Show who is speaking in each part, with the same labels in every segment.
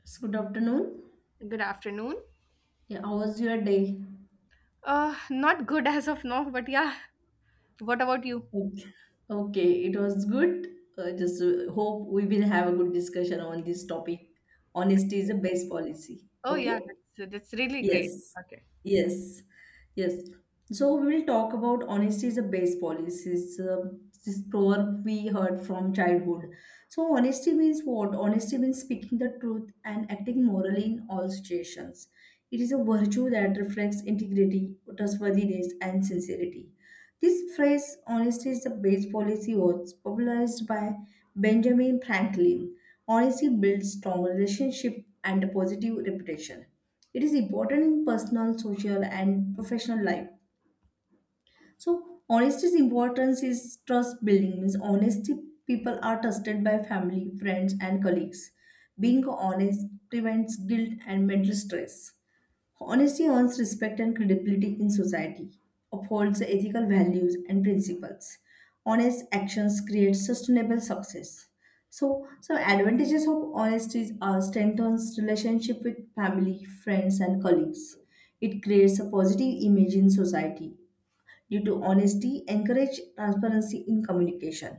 Speaker 1: Yes, good afternoon.
Speaker 2: Good afternoon.
Speaker 1: Yeah, how was your day?
Speaker 2: Not good as of now, but yeah. What about you?
Speaker 1: Okay, Okay, it was good. Just hope we will have a good discussion on this topic. Honesty is the best policy.
Speaker 2: Oh yeah,
Speaker 1: Okay?
Speaker 2: that's really great.
Speaker 1: Yes,
Speaker 2: Okay.
Speaker 1: yes, yes. So we will talk about honesty is a base policy. This proverb we heard from childhood. So honesty means what? Honesty means speaking the truth and acting morally in all situations. It is a virtue that reflects integrity, trustworthiness, and sincerity. This phrase, honesty is the base policy, was popularized by Benjamin Franklin. Honesty builds strong relationship and a positive reputation. It is important in personal, social, and professional life. So, honesty's importance is trust building. Means honesty, people are trusted by family, friends, and colleagues. Being honest prevents guilt and mental stress. Honesty earns respect and credibility in society, upholds the ethical values and principles. Honest actions create sustainable success. So, some advantages of honesty are strengthens relationship with family, friends, and colleagues. It creates a positive image in society. Due to honesty, encourage transparency in communication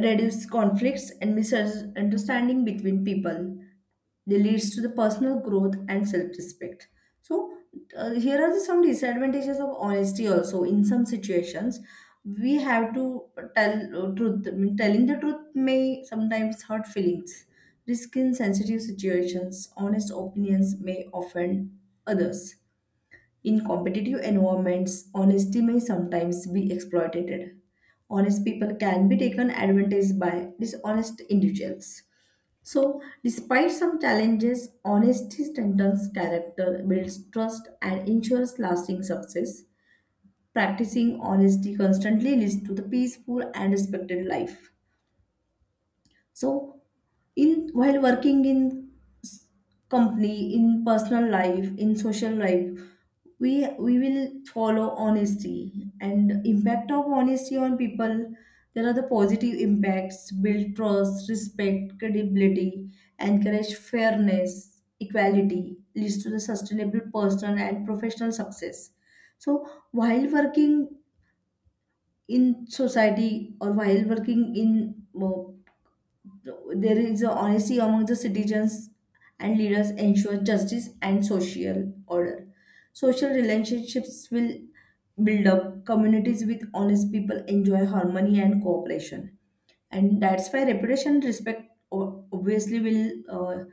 Speaker 1: reduce conflicts and misunderstanding between people. They leads to the personal growth and self-respect. So Here are the some disadvantages of honesty. Also, in some situations, we have to tell truth. I mean, telling the truth may sometimes hurt feelings. Risk in sensitive situations, honest opinions may offend others. In competitive environments, honesty may sometimes be exploited. Honest people can be taken advantage by dishonest individuals. So, despite some challenges, honesty strengthens character, builds trust, and ensures lasting success. Practicing honesty constantly leads to the peaceful and respected life. So, in while working in s- company, in personal life, in social life, we will follow honesty and impact of honesty on people. There are the positive impacts: build trust, respect, credibility, encourage fairness, equality, leads to the sustainable personal and professional success. So, while working in society or while working in there is a honesty among the citizens and leaders ensure justice and social order. Social relationships will build up. Communities with honest people enjoy harmony and cooperation. And that's why reputation, and respect obviously will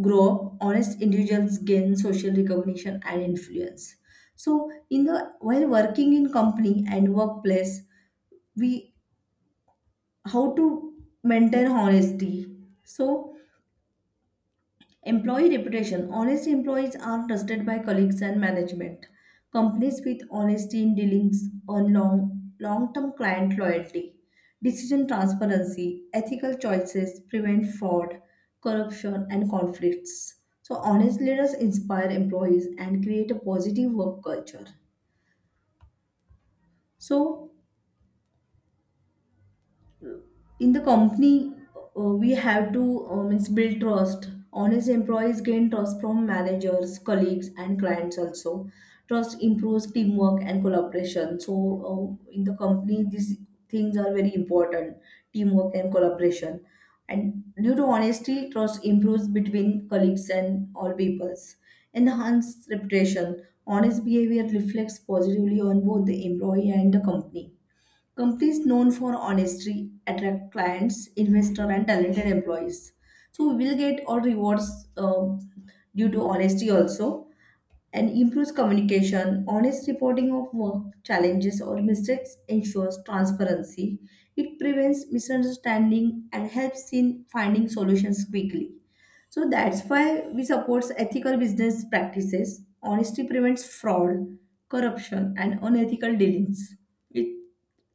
Speaker 1: grow up. Honest individuals gain social recognition and influence. So, in the while working in company and workplace, we how to maintain honesty. So employee reputation. Honest employees are trusted by colleagues and management. Companies with honesty in dealings earn long-term client loyalty. Decision transparency, ethical choices prevent fraud, corruption, and conflicts. So honest leaders inspire employees and create a positive work culture. So in the company we have to means build trust, honest employees gain trust from managers, colleagues, and clients also. Trust improves teamwork and collaboration. So in the company these things are very important: teamwork and collaboration. And due to honesty trust improves between colleagues and all peoples. Enhance reputation, honest behavior reflects positively on both the employee and the company. Companies known for honesty attract clients, investor, and talented employees. So we will get all rewards due to honesty also, and improves communication. Honest reporting of work challenges or mistakes ensures transparency. It prevents misunderstanding and helps in finding solutions quickly. So that's why we support ethical business practices. Honesty prevents fraud, corruption, and unethical dealings. It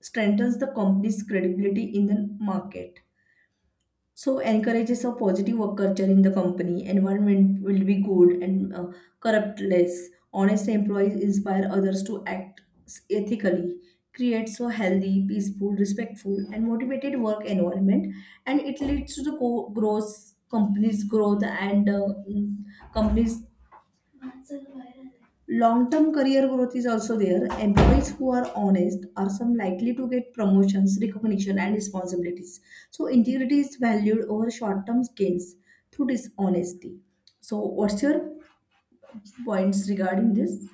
Speaker 1: strengthens the company's credibility in the market. So encourages a positive work culture in the company. Environment will be good and corrupt less. Honest employees inspire others to act ethically. Creates a healthy, peaceful, respectful, and motivated work environment, and it leads to the growth, company's growth, and mm, company's long-term career growth is also there. Employees who are honest are some likely to get promotions, recognition, and responsibilities. So integrity is valued over short-term gains through dishonesty. So what's your points regarding this?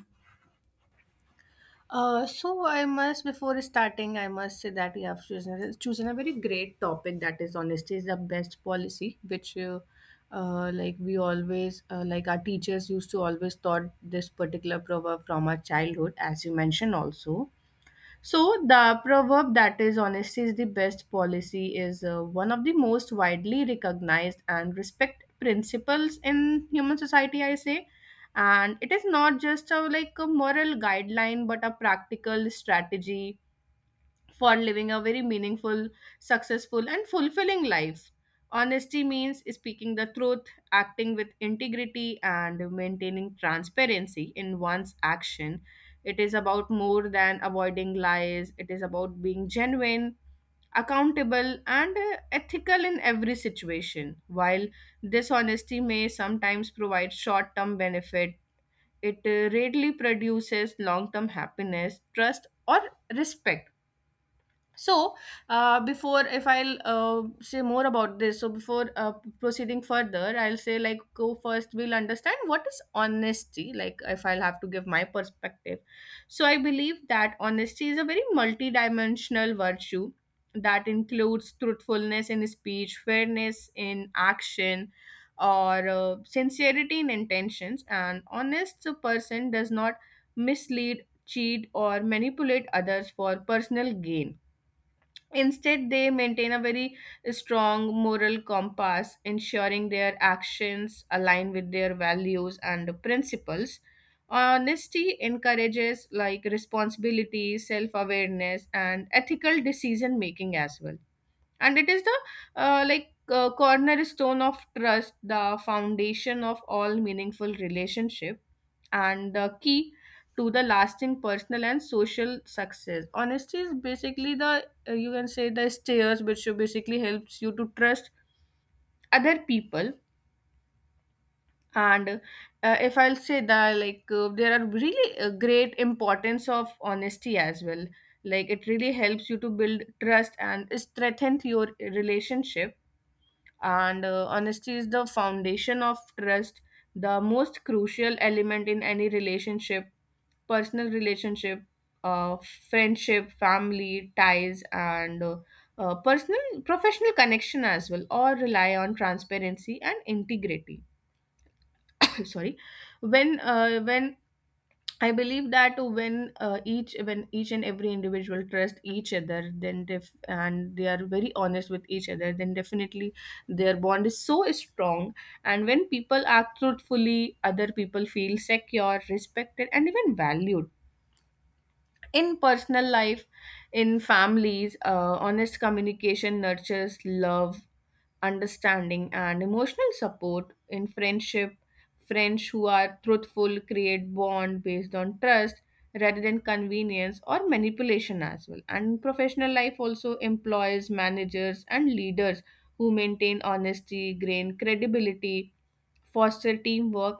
Speaker 2: So I must, before starting, I must say that you have chosen chosen a very great topic. That is, honesty is the best policy, which like we always like our teachers used to always taught this particular proverb from our childhood, as you mentioned also. So, the proverb that is honesty is the best policy is one of the most widely recognized and respected principles in human society, I say. And it is not just a like a moral guideline, but a practical strategy for living a very meaningful, successful, and fulfilling life. Honesty means speaking the truth, acting with integrity, and maintaining transparency in one's action. It is about more than avoiding lies, it is about being genuine, accountable, and ethical in every situation. While dishonesty may sometimes provide short term benefit, it rarely produces long term happiness, trust, or respect. so Before, if I'll say more about this, so before proceeding further, I'll say like, go first, we'll understand what is honesty. Like if I'll have to give my perspective, so I believe that honesty is a very multidimensional virtue that includes truthfulness in speech, fairness in action, or sincerity in intentions. And honest person does not mislead, cheat, or manipulate others for personal gain. Instead, they maintain a very strong moral compass, ensuring their actions align with their values and principles. Honesty encourages like responsibility, self awareness, and ethical decision making as well. And it is the cornerstone of trust, the foundation of all meaningful relationship and the key to the lasting personal and social success. Honesty is basically the you can say the stairs which basically helps you to trust other people. And if I'll say that there are really a great importance of honesty as well. Like it really helps you to build trust and strengthen your relationship. And honesty is the foundation of trust, the most crucial element in any relationship, personal relationship, uh, friendship, family ties, and personal professional connection as well, or rely on transparency and integrity. Sorry, when I believe that when each, when each and every individual trust each other, then and they are very honest with each other, then definitely their bond is so strong. And when people act truthfully, other people feel secure, respected, and even valued in personal life. In families, honest communication nurtures love, understanding, and emotional support. In friendship, friends who are truthful create bond based on trust rather than convenience or manipulation as well. And professional life also, employs, managers, and leaders who maintain honesty gain credibility, foster teamwork,